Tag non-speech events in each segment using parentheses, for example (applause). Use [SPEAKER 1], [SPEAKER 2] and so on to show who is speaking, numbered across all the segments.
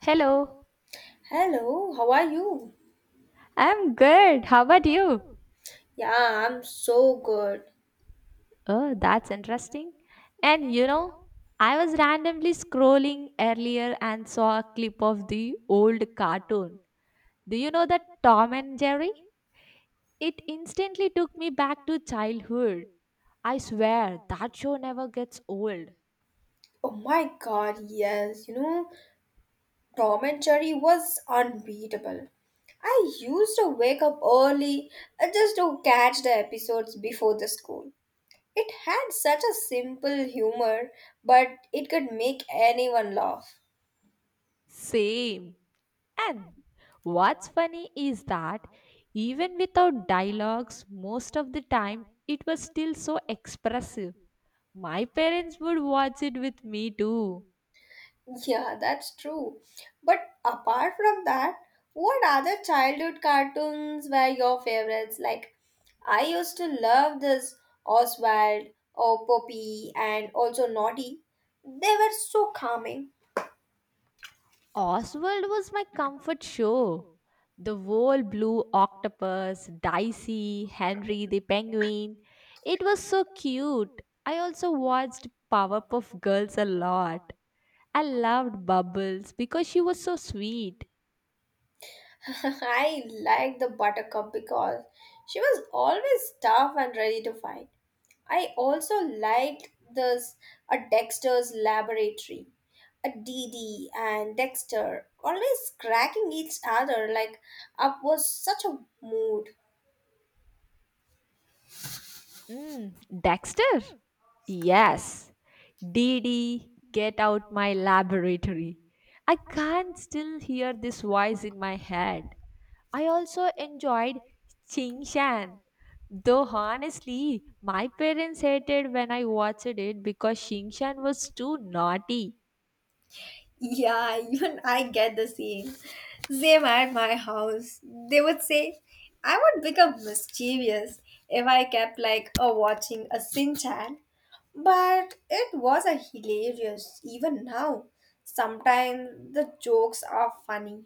[SPEAKER 1] Hello,
[SPEAKER 2] Hello, how are you?
[SPEAKER 1] I'm good. How about you?
[SPEAKER 2] Yeah, I'm so good.
[SPEAKER 1] Oh, that's interesting. And you know, I was randomly scrolling earlier and saw a clip of the old cartoon. Do you know that Tom and Jerry? It instantly took me back to childhood. I swear that show never gets old.
[SPEAKER 2] Oh my god, yes, Tom and Jerry was unbeatable. I used to wake up early just to catch the episodes before the school. It had such a simple humor, but it could make anyone laugh.
[SPEAKER 1] Same. And what's funny is that even without dialogues, most of the time it was still so expressive. My parents would watch it with me too.
[SPEAKER 2] (laughs) Yeah, that's true. But apart from that, what other childhood cartoons were your favorites? Like, I used to love this Oswald or Poppy and also Naughty. They were so calming.
[SPEAKER 1] Oswald was my comfort show. The whole blue octopus, Dicey, Henry the penguin. It was so cute. I also watched Powerpuff Girls a lot. I loved Bubbles because she was so sweet.
[SPEAKER 2] (laughs) I liked the Buttercup because she was always tough and ready to fight. I also liked this a Dexter's laboratory. A DD and Dexter always cracking each other like up was such a mood.
[SPEAKER 1] Mm, Dexter? Yes. Dee Dee, get out my laboratory. I can't still hear this voice in my head. I also enjoyed Ching Shan. Though honestly, my parents hated when I watched it because Ching Shan was too naughty.
[SPEAKER 2] Yeah, (laughs) even I get the same. Same at my house. They would say, I would become mischievous if I kept like a watching a Sinchan. But it was a hilarious even now. Sometimes the jokes are funny.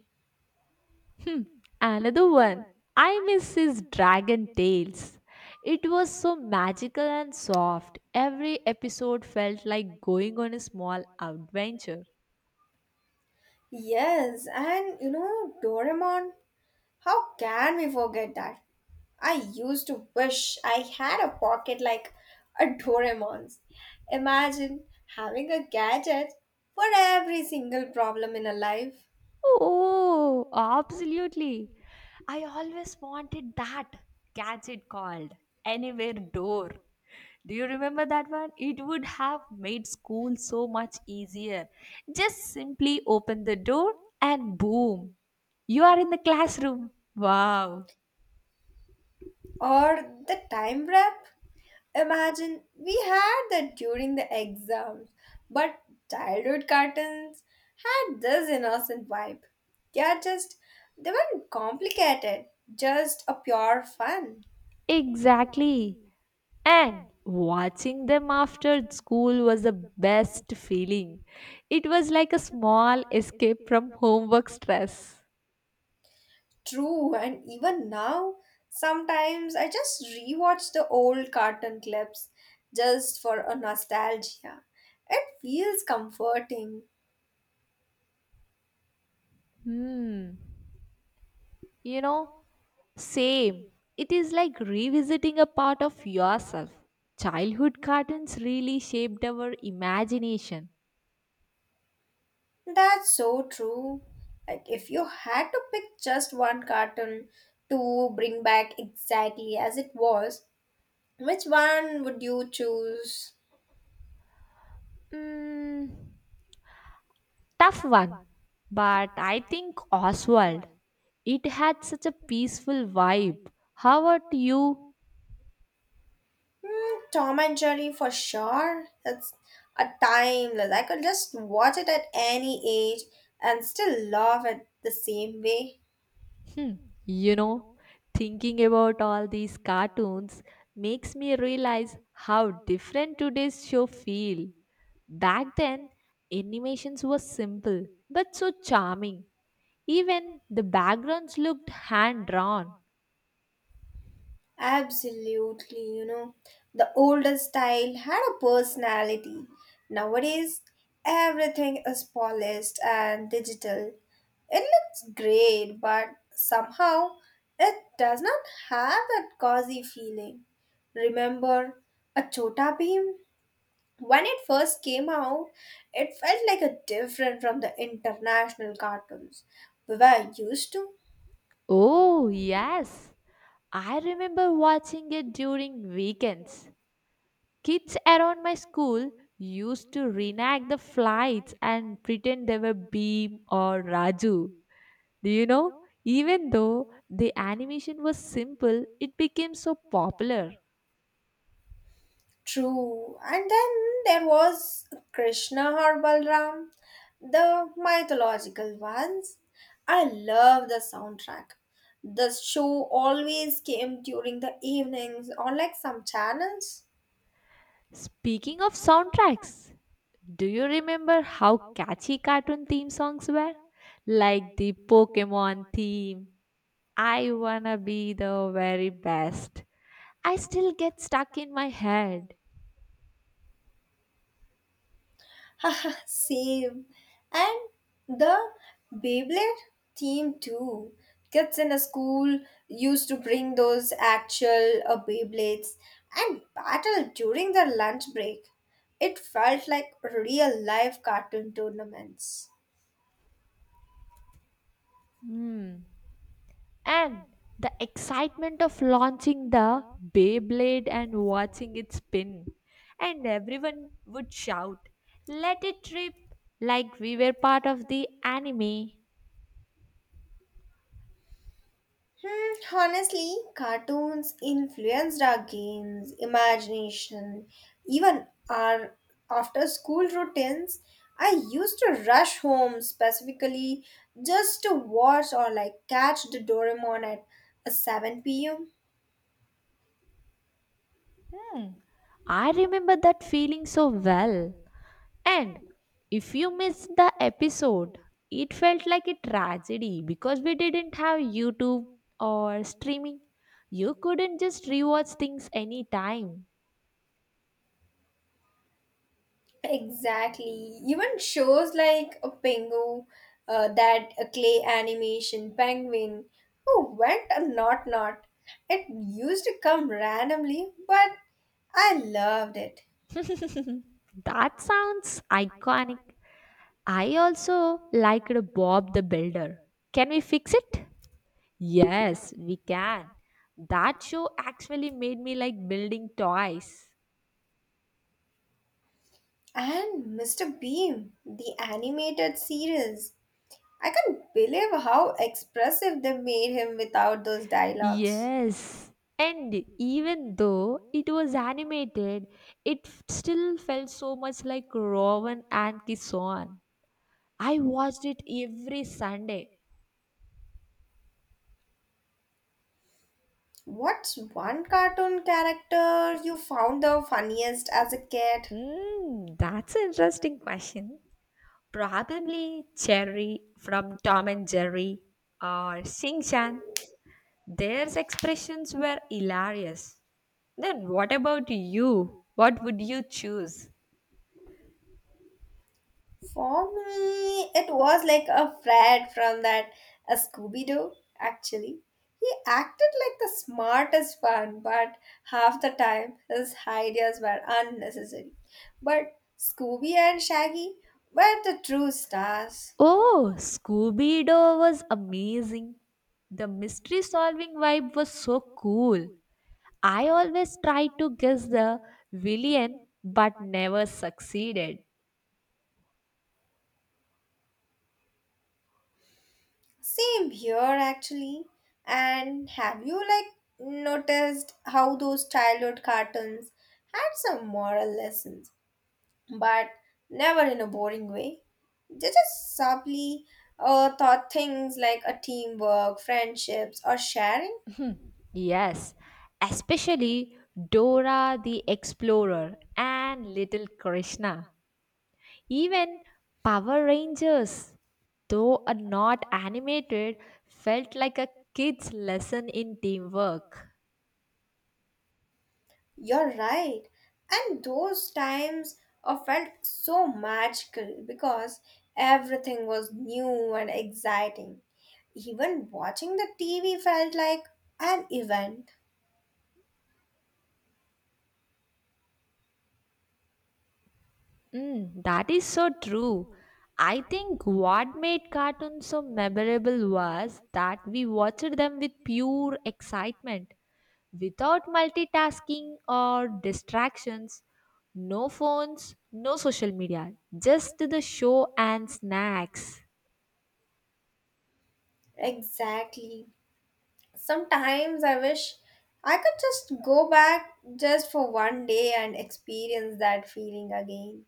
[SPEAKER 1] Another one, I miss his dragon tales. It was so magical and soft. Every episode felt like going on a small adventure.
[SPEAKER 2] Yes, and you know Doraemon. How can we forget that? I used to wish I had a pocket like a Doraemon's. Imagine having a gadget for every single problem in a life.
[SPEAKER 1] Oh, absolutely. I always wanted that gadget called Anywhere Door. Do you remember that one? It would have made school so much easier. Just simply open the door and boom, you are in the classroom. Wow.
[SPEAKER 2] Or the time wrap. Imagine we had that during the exams. But childhood cartoons had this innocent vibe. They are just, they weren't complicated, just a pure fun.
[SPEAKER 1] Exactly. And watching them after school was the best feeling. It was like a small escape from homework stress.
[SPEAKER 2] True, and even now, sometimes I just rewatch the old cartoon clips just for a nostalgia. It feels comforting.
[SPEAKER 1] Hmm. You know, same. It is like revisiting a part of yourself. Childhood cartoons really shaped our imagination.
[SPEAKER 2] That's so true. Like, if you had to pick just one cartoon to bring back exactly as it was, which one would you choose?
[SPEAKER 1] Mm, tough one. But I think Oswald. It had such a peaceful vibe. How about you?
[SPEAKER 2] Mm, Tom and Jerry for sure. That's a timeless. I could just watch it at any age and still love it the same way.
[SPEAKER 1] Hmm. You know, thinking about all these cartoons makes me realize how different today's show feel. Back then, animations were simple but so charming. Even the backgrounds looked hand drawn.
[SPEAKER 2] Absolutely. The older style had a personality. Nowadays, everything is polished and digital. It looks great, but somehow it does not have that cozy feeling. Remember a Chota Beam? When it first came out, it felt like a different from the international cartoons we were used to.
[SPEAKER 1] Oh, yes. I remember watching it during weekends. Kids around my school used to reenact the flights and pretend they were Beam or Raju. Do you know? Even though the animation was simple, it became so popular.
[SPEAKER 2] True. And then there was Krishna or Balram, the mythological ones. I love the soundtrack. The show always came during the evenings on like some channels.
[SPEAKER 1] Speaking of soundtracks, do you remember how catchy cartoon theme songs were? Like the Pokemon theme, I wanna be the very best. I still get stuck in my head.
[SPEAKER 2] (laughs) Same. And the Beyblade theme too. Kids in a school used to bring those actual Beyblades and battle during their lunch break. It felt like real life cartoon tournaments.
[SPEAKER 1] Hmm. And the excitement of launching the Beyblade and watching it spin. And everyone would shout, Let it rip! Like we were part of the anime.
[SPEAKER 2] Hmm, honestly, cartoons influenced our games, imagination, even our after school routines. I used to rush home specifically just to watch or like catch the Doraemon at 7 pm.
[SPEAKER 1] I remember that feeling so well. And if you missed the episode, it felt like a tragedy because we didn't have YouTube or streaming. You couldn't just rewatch things anytime.
[SPEAKER 2] Exactly. Even shows like a Pingu, that clay animation penguin who went a not not. It used to come randomly, but I loved it.
[SPEAKER 1] That sounds iconic. I also liked Bob the Builder. Can we fix it? Yes, we can. That show actually made me like building toys.
[SPEAKER 2] And Mr. Beam, the animated series. I can't believe how expressive they made him without those dialogues.
[SPEAKER 1] Yes. And even though it was animated, it still felt so much like Rowan and Kison. I watched it every Sunday.
[SPEAKER 2] What's one cartoon character you found the funniest as a kid?
[SPEAKER 1] Mm, that's an interesting question. Probably Cherry from Tom and Jerry or Sing Chan. Their expressions were hilarious. Then what about you? What would you choose?
[SPEAKER 2] For me, it was like a Fred from that a Scooby Doo. Actually, he acted like the smartest one, but half the time his ideas were unnecessary. But Scooby and Shaggy were the true stars.
[SPEAKER 1] Oh, Scooby Doo was amazing. The mystery solving vibe was so cool. I always tried to guess the villain but never succeeded.
[SPEAKER 2] Same here, actually. And have you like noticed how those childhood cartoons had some moral lessons, but never in a boring way. They just subtly thought things like a teamwork, friendships, or sharing.
[SPEAKER 1] Yes, especially Dora the Explorer and little Krishna. Even Power Rangers, though a not animated, felt like a kid's lesson in teamwork.
[SPEAKER 2] You're right. And those times felt so magical because everything was new and exciting. Even watching the TV felt like an event.
[SPEAKER 1] Mm, that is so true. I think what made cartoons so memorable was that we watched them with pure excitement, without multitasking or distractions, no phones, no social media, just the show and snacks.
[SPEAKER 2] Exactly. Sometimes I wish I could just go back just for one day and experience that feeling again.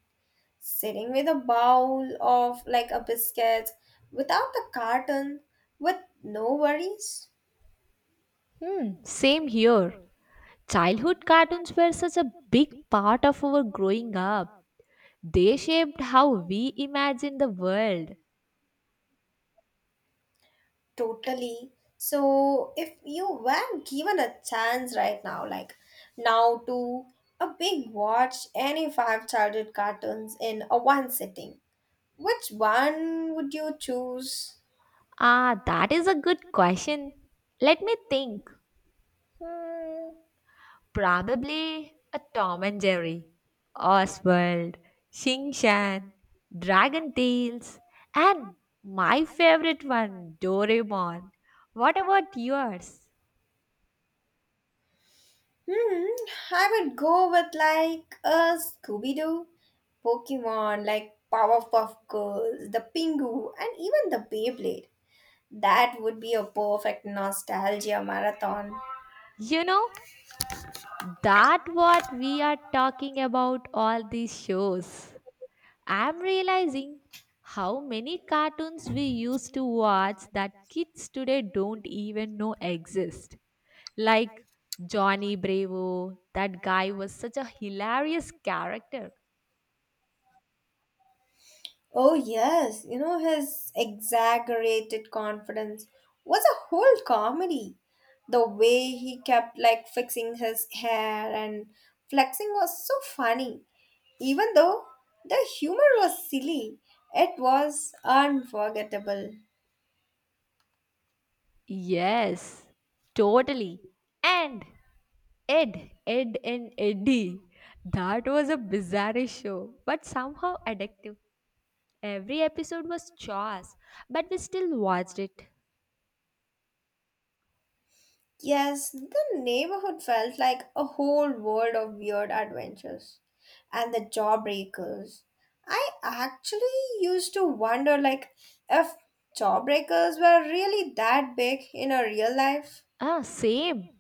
[SPEAKER 2] Sitting with a bowl of like a biscuit without the carton with no worries.
[SPEAKER 1] Hmm, same here. Childhood cartoons were such a big part of our growing up. They shaped how we imagine the world.
[SPEAKER 2] Totally. So if you were given a chance right now, like now to a big watch any five childhood cartoons in a one sitting, which one would you choose?
[SPEAKER 1] Ah, that is a good question. Let me think. Probably a Tom and Jerry, Oswald, Shing Shan, Dragon Tales, and my favorite one, Doraemon. What about yours?
[SPEAKER 2] Hmm, I would go with like a Scooby Doo, Pokemon, like Powerpuff Girls, the Pingu, and even the Beyblade. That would be a perfect nostalgia marathon.
[SPEAKER 1] You know, that what we are talking about all these shows. I'm realizing how many cartoons we used to watch that kids today don't even know exist. Like Johnny Bravo, that guy was such a hilarious character.
[SPEAKER 2] Oh, yes, his exaggerated confidence was a whole comedy. The way he kept like fixing his hair and flexing was so funny. Even though the humor was silly, it was unforgettable.
[SPEAKER 1] Yes, totally. And Ed, Ed and Eddie. That was a bizarre show, but somehow addictive. Every episode was chores, but we still watched it.
[SPEAKER 2] Yes, the neighborhood felt like a whole world of weird adventures. And the jawbreakers. I actually used to wonder like if jawbreakers were really that big in a real life.
[SPEAKER 1] Ah, same.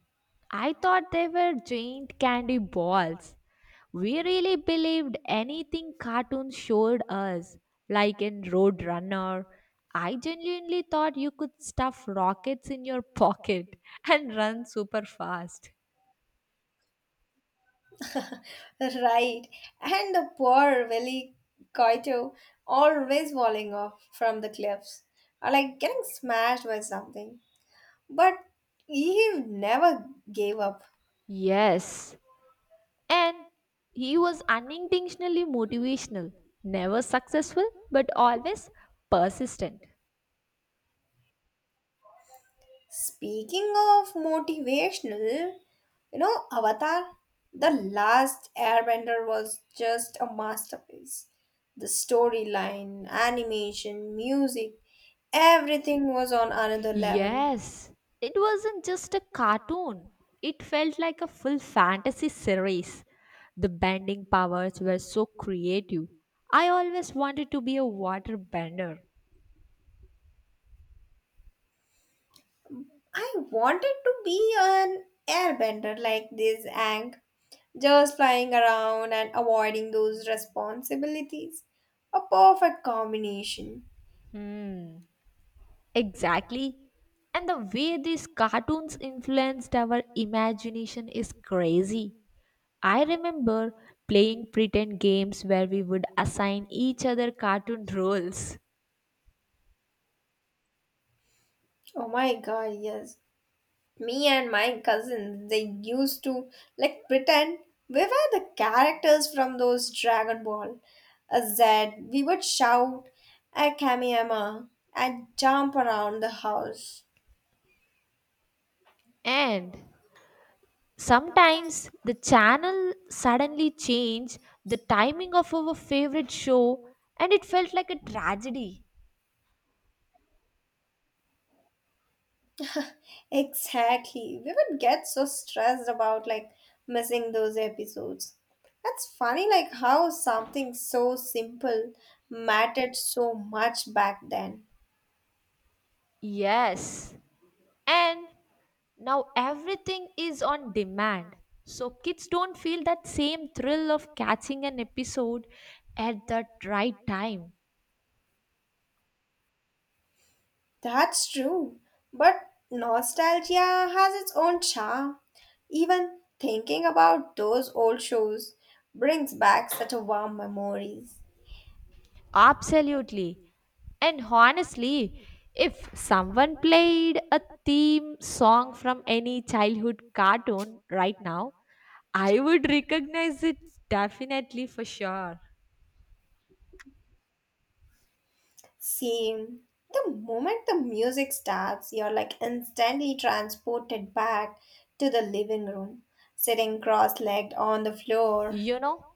[SPEAKER 1] I thought they were giant candy balls. We really believed anything cartoons showed us, like in Road Runner. I genuinely thought you could stuff rockets in your pocket (laughs) and run super fast.
[SPEAKER 2] (laughs) Right. And the poor Willy Koito always falling off from the cliffs. Or like getting smashed by something. But he never gave up.
[SPEAKER 1] Yes, and he was unintentionally motivational, never successful, but always persistent.
[SPEAKER 2] Speaking of motivational, Avatar, The Last Airbender was just a masterpiece. The storyline, animation, music, everything was on another level.
[SPEAKER 1] Yes, it wasn't just a cartoon. It felt like a full fantasy series. The bending powers were so creative. I always wanted to be a water bender.
[SPEAKER 2] I wanted to be an airbender like this Ang, just flying around and avoiding those responsibilities. A perfect combination.
[SPEAKER 1] Hmm, exactly. And the way these cartoons influenced our imagination is crazy. I remember playing pretend games where we would assign each other cartoon roles.
[SPEAKER 2] Oh my god, yes. Me and my cousins, they used to like pretend we were the characters from those Dragon Ball a Z. We would shout at Kamiyama and jump around the house.
[SPEAKER 1] And sometimes the channel suddenly changed the timing of our favorite show and it felt like a tragedy.
[SPEAKER 2] Exactly, we would get so stressed about like missing those episodes. That's funny, like how something so simple mattered so much back then.
[SPEAKER 1] Yes. And now everything is on demand. So kids don't feel that same thrill of catching an episode at that right time.
[SPEAKER 2] That's true. But nostalgia has its own charm. Even thinking about those old shows brings back such a warm memories.
[SPEAKER 1] Absolutely. And honestly, if someone played a theme song from any childhood cartoon right now, I would recognize it definitely for sure.
[SPEAKER 2] Same. The moment the music starts, you're like instantly transported back to the living room, sitting cross legged on the floor.
[SPEAKER 1] You know,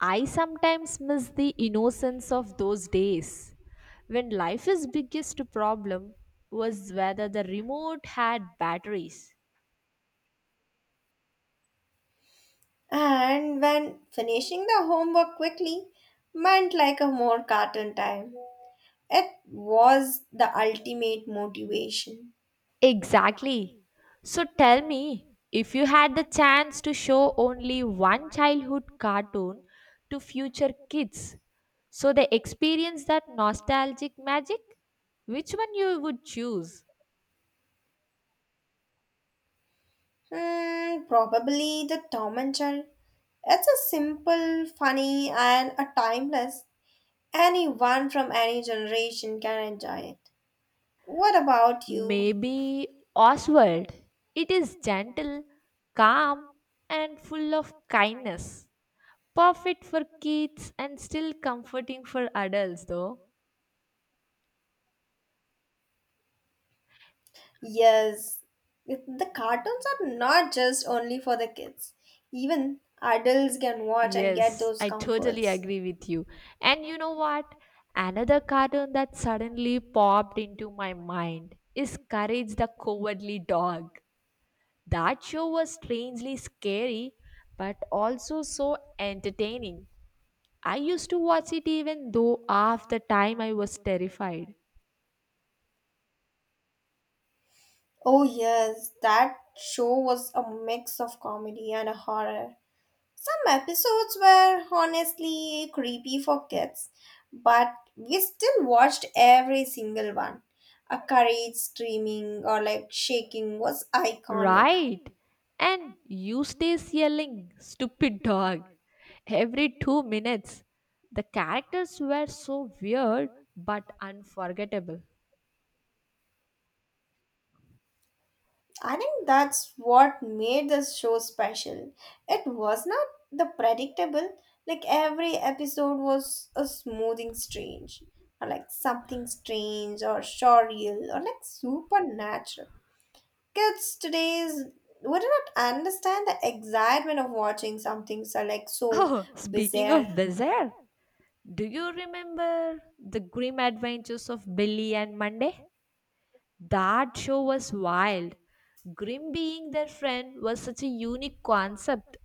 [SPEAKER 1] I sometimes miss the innocence of those days when life's biggest problem was whether the remote had batteries.
[SPEAKER 2] And when finishing the homework quickly meant like a more cartoon time. It was the ultimate motivation.
[SPEAKER 1] Exactly. So tell me, if you had the chance to show only one childhood cartoon to future kids, so they experience that nostalgic magic, which one you would choose?
[SPEAKER 2] Hmm, probably the Tom and Jerry. It's a simple, funny, and a timeless. Anyone from any generation can enjoy it. What about you?
[SPEAKER 1] Maybe Oswald. It is gentle, calm, and full of kindness. Perfect for kids and still comforting for adults, though.
[SPEAKER 2] Yes, the cartoons are not just only for the kids. Even adults can watch and get
[SPEAKER 1] Yes,
[SPEAKER 2] those
[SPEAKER 1] I totally
[SPEAKER 2] comforts.
[SPEAKER 1] agree with you. And you know what? Another cartoon that suddenly popped into my mind is Courage the Cowardly Dog. That show was strangely scary, but also so entertaining. I used to watch it even though half the time I was terrified.
[SPEAKER 2] Oh yes, that show was a mix of comedy and a horror. Some episodes were honestly creepy for kids, but we still watched every single one. A courage screaming or like shaking was iconic.
[SPEAKER 1] Right. And you stays yelling, stupid dog, every 2 minutes. The characters were so weird but unforgettable.
[SPEAKER 2] I think that's what made this show special. It was not the predictable, like every episode was a smoothing strange, or like something strange or surreal or like supernatural. Kids today's would not understand the excitement of watching something so like so
[SPEAKER 1] Oh, speaking
[SPEAKER 2] bizarre.
[SPEAKER 1] of bizarre, do you remember the grim adventures of Billy and Monday? That show was wild. Grim being their friend was such a unique concept.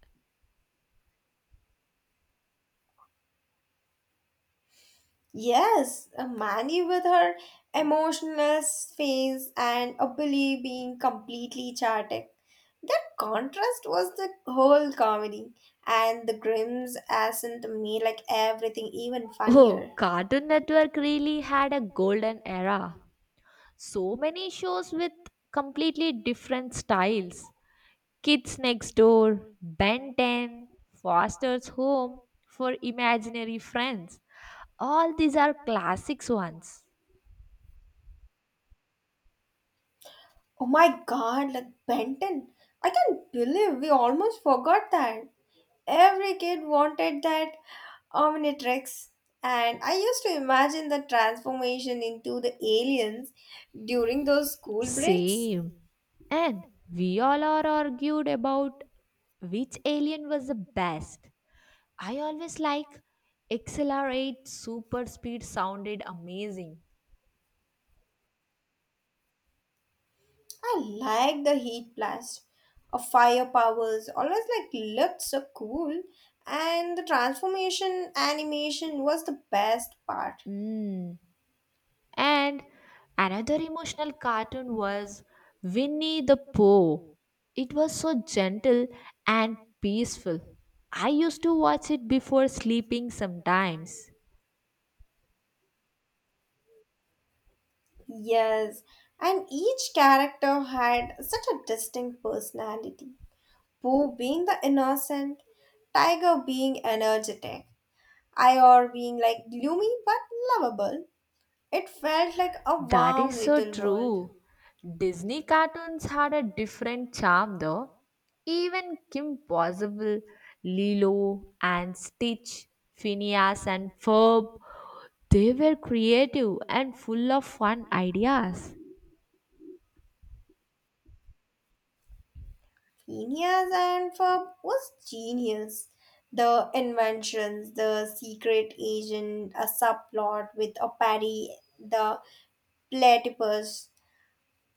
[SPEAKER 2] Yes, a Manny with her emotionless face and a Billy being completely chaotic. That contrast was the whole comedy, and the Grims hasn't made like everything even
[SPEAKER 1] Oh,
[SPEAKER 2] funnier.
[SPEAKER 1] Cartoon Network really had a golden era. So many shows with completely different styles. Kids Next Door, Ben 10, Foster's Home for Imaginary Friends. All these are classics ones.
[SPEAKER 2] Oh my god, like Benton. I can't believe we almost forgot that. Every kid wanted that Omnitrix. And I used to imagine the transformation into the aliens during those school breaks.
[SPEAKER 1] Same. And we all are argued about which alien was the best. I always like XLR8 super speed sounded amazing.
[SPEAKER 2] I liked the heat blast of fire powers, always like looked so cool. And the transformation animation was the best part.
[SPEAKER 1] Mm. And another emotional cartoon was Winnie the Pooh. It was so gentle and peaceful. I used to watch it before sleeping sometimes.
[SPEAKER 2] Yes, and each character had such a distinct personality. Boo being the innocent, Tiger being energetic, Ior being like gloomy but lovable. It felt like a
[SPEAKER 1] That is
[SPEAKER 2] warm
[SPEAKER 1] so
[SPEAKER 2] little world.
[SPEAKER 1] true. Disney cartoons had a different charm though. Even Kim Possible, Lilo and Stitch, Phineas and Ferb, they were creative and full of fun ideas.
[SPEAKER 2] Phineas and Ferb was genius. The inventions, the secret agent, a subplot with a parry, the platypus.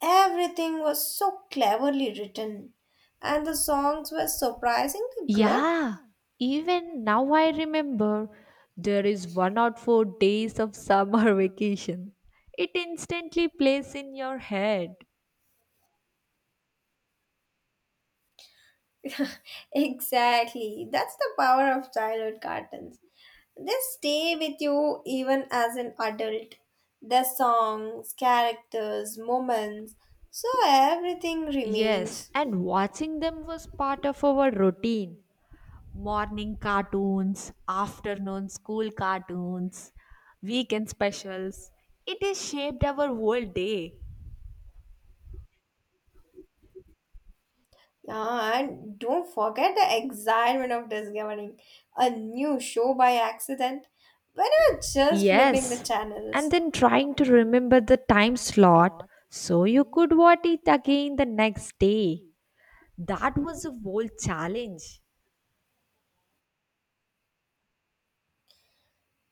[SPEAKER 2] Everything was so cleverly written, and the songs were surprisingly good.
[SPEAKER 1] Yeah, even now I remember there is 1 or 4 days of summer (laughs) vacation. It instantly plays in your head.
[SPEAKER 2] (laughs) Exactly, that's the power of childhood cartoons. They stay with you even as an adult. The songs, characters, moments, so everything
[SPEAKER 1] Yes,
[SPEAKER 2] remains.
[SPEAKER 1] and watching them was part of our routine. Morning cartoons, afternoon school cartoons, weekend specials. It has shaped our whole day.
[SPEAKER 2] Yeah, and don't forget the excitement of discovering a new show by accident when you were just flipping the
[SPEAKER 1] Yes, and
[SPEAKER 2] channels.
[SPEAKER 1] then trying to remember the time slot so you could watch it again the next day. That was a bold challenge.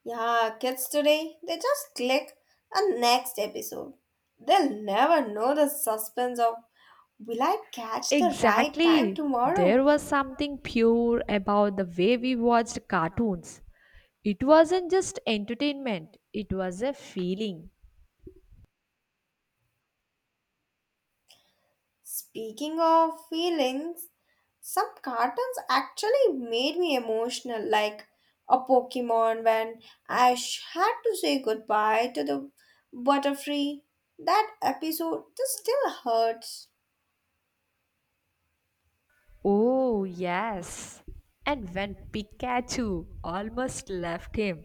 [SPEAKER 2] Yeah, kids today, they just click a next episode. They'll never know the suspense of will I catch the right time
[SPEAKER 1] Exactly. There
[SPEAKER 2] tomorrow?
[SPEAKER 1] was something pure about the way we watched cartoons. It wasn't just entertainment, it was a feeling.
[SPEAKER 2] Speaking of feelings, some cartoons actually made me emotional, like a Pokemon when I had to say goodbye to the Butterfree. That episode just still hurts.
[SPEAKER 1] Oh, yes. And when Pikachu almost left him,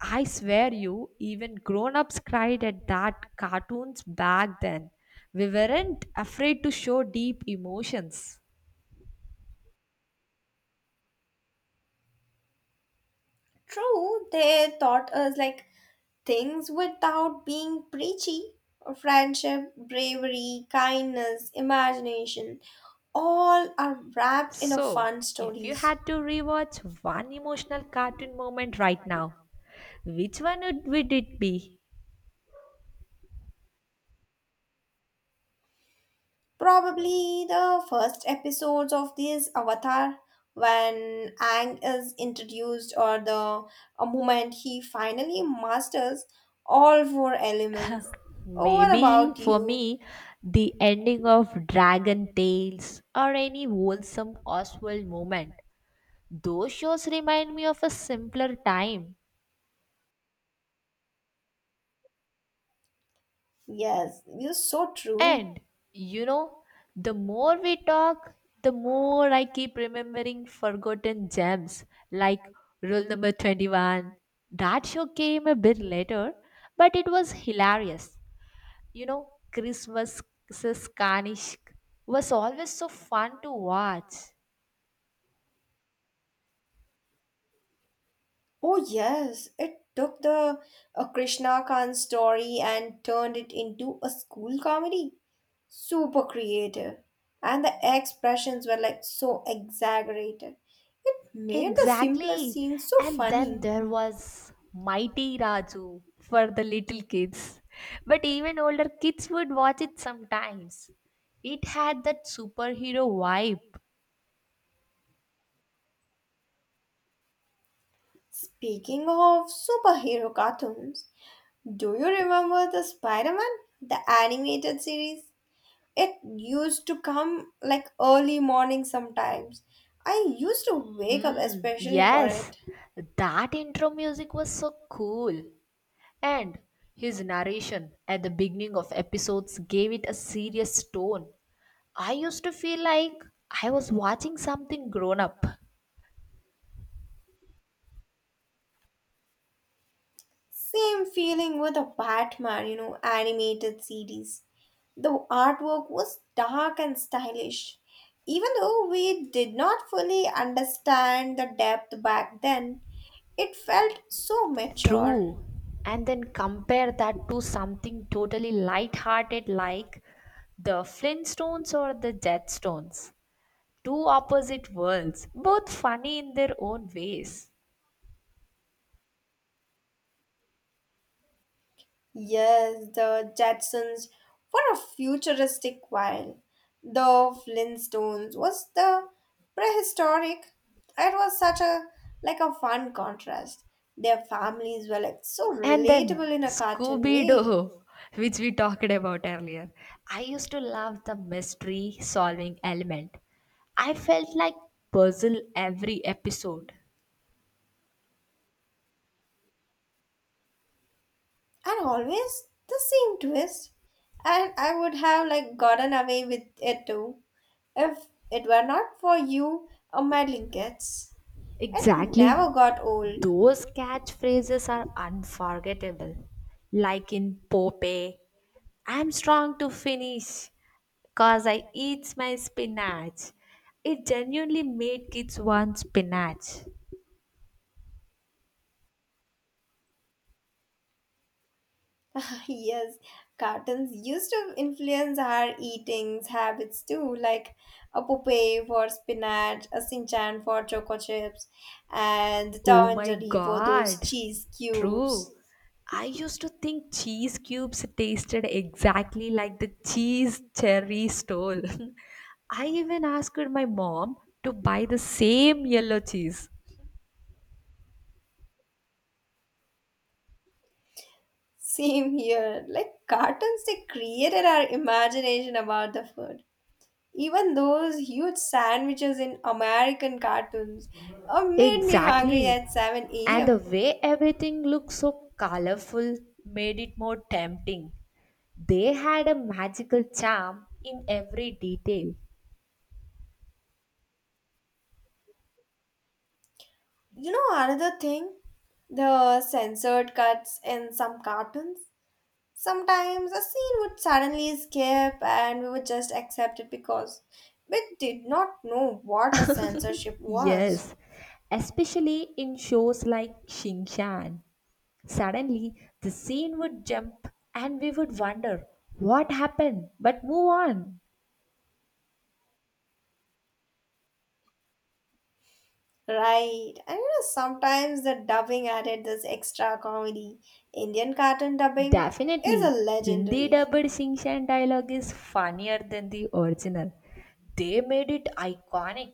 [SPEAKER 1] I swear you, even grown ups cried at that cartoons back then. We weren't afraid to show deep emotions.
[SPEAKER 2] True, they taught us like things without being preachy. Friendship, bravery, kindness, imagination, all are wrapped in a
[SPEAKER 1] So,
[SPEAKER 2] fun
[SPEAKER 1] if you
[SPEAKER 2] stories.
[SPEAKER 1] had to rewatch one emotional cartoon moment right now, which one would it be?
[SPEAKER 2] Probably the first episodes of this Avatar when Ang is introduced or the a moment he finally masters all four elements. Oh, what
[SPEAKER 1] Maybe
[SPEAKER 2] about
[SPEAKER 1] for
[SPEAKER 2] you?
[SPEAKER 1] me, the ending of Dragon Tales or any wholesome Oswald moment. Those shows remind me of a simpler time.
[SPEAKER 2] Yes, you're so true.
[SPEAKER 1] And you know, the more we talk, the more I keep remembering forgotten gems like rule number 21. That show came a bit later, but it was hilarious. You know, Christmas Kanishk was always so fun to watch.
[SPEAKER 2] Oh, yes, it took the Krishna Khan story and turned it into a school comedy. Super creative. And the expressions were like so exaggerated. It made the simplest
[SPEAKER 1] Exactly.
[SPEAKER 2] scenes so
[SPEAKER 1] And
[SPEAKER 2] funny.
[SPEAKER 1] then there was Mighty Raju for the little kids. But even older kids would watch it sometimes. It had that superhero vibe.
[SPEAKER 2] Speaking of superhero cartoons, do you remember the Spider Man, the animated series? It used to come like early morning sometimes. I used to wake up
[SPEAKER 1] Hmm,
[SPEAKER 2] especially for
[SPEAKER 1] yes.
[SPEAKER 2] it.
[SPEAKER 1] That intro music was so cool. And his narration at the beginning of episodes gave it a serious tone. I used to feel like I was watching something grown up.
[SPEAKER 2] Same feeling with the Batman, animated series. The artwork was dark and stylish. Even though we did not fully understand the depth back then, it felt so mature.
[SPEAKER 1] True. And then compare that to something totally light-hearted like the Flintstones or the Jetstones. Two opposite worlds, both funny in their own ways.
[SPEAKER 2] Yes, the Jetsons were a futuristic while. The Flintstones was the prehistoric. It was such a like a fun contrast. Their families were like so
[SPEAKER 1] And then
[SPEAKER 2] relatable in a cartoon
[SPEAKER 1] Scooby
[SPEAKER 2] way.
[SPEAKER 1] Doo, which we talked about earlier. I used to love the mystery solving element. I felt like puzzle every episode.
[SPEAKER 2] And always the same twist. And I would have like gotten away with it too. If it were not for you or meddling kids. It
[SPEAKER 1] Exactly.
[SPEAKER 2] never got old.
[SPEAKER 1] Those catchphrases are unforgettable. Like in Popeye, I'm strong to finish cause I eat my spinach. It genuinely made kids want spinach.
[SPEAKER 2] (laughs) Yes, cartoons used to influence our eating habits too, like a Popeye for spinach, a Sinchan for choco chips, and
[SPEAKER 1] Oh
[SPEAKER 2] Tom and
[SPEAKER 1] my
[SPEAKER 2] Jerry for those
[SPEAKER 1] god.
[SPEAKER 2] cheese
[SPEAKER 1] True.
[SPEAKER 2] cubes.
[SPEAKER 1] I used to think cheese cubes tasted exactly like the cheese cherry stole. (laughs) I even asked my mom to buy the same yellow cheese.
[SPEAKER 2] (laughs) Same here. Like cartoons, they created our imagination about the food. Even those huge sandwiches in American cartoons made me hungry
[SPEAKER 1] Exactly.
[SPEAKER 2] at 7
[SPEAKER 1] And the
[SPEAKER 2] a.m.
[SPEAKER 1] way everything looked so colorful made it more tempting. They had a magical charm in every detail.
[SPEAKER 2] You know another thing? The censored cuts in some cartoons. Sometimes a scene would suddenly skip and we would just accept it because we did not know what a censorship was.
[SPEAKER 1] Yes, especially in shows like Shingshan. Suddenly, the scene would jump and we would wonder what happened, but move on.
[SPEAKER 2] Right. And sometimes the dubbing added this extra comedy. Indian cartoon dubbing is a
[SPEAKER 1] Definitely, Hindi
[SPEAKER 2] legendary.
[SPEAKER 1] dubbed Shingshan dialogue is funnier than the original. They made it iconic.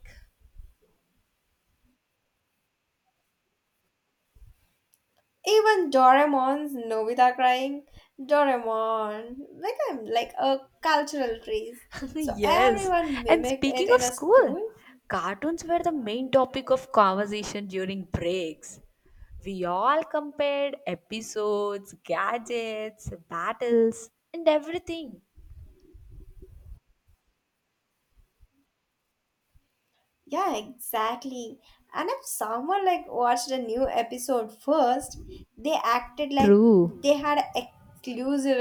[SPEAKER 2] Even Doraemon's Nobita crying, Doraemon, became like a cultural phrase.
[SPEAKER 1] (laughs)
[SPEAKER 2] So
[SPEAKER 1] Yes.
[SPEAKER 2] everyone
[SPEAKER 1] And
[SPEAKER 2] mimicked
[SPEAKER 1] speaking
[SPEAKER 2] it
[SPEAKER 1] of
[SPEAKER 2] in a
[SPEAKER 1] school,
[SPEAKER 2] school.
[SPEAKER 1] cartoons were the main topic of conversation during breaks. We all compared episodes, gadgets, battles, and everything.
[SPEAKER 2] Yeah, exactly. And if someone like watched a new episode first, they acted like
[SPEAKER 1] True.
[SPEAKER 2] they had exclusive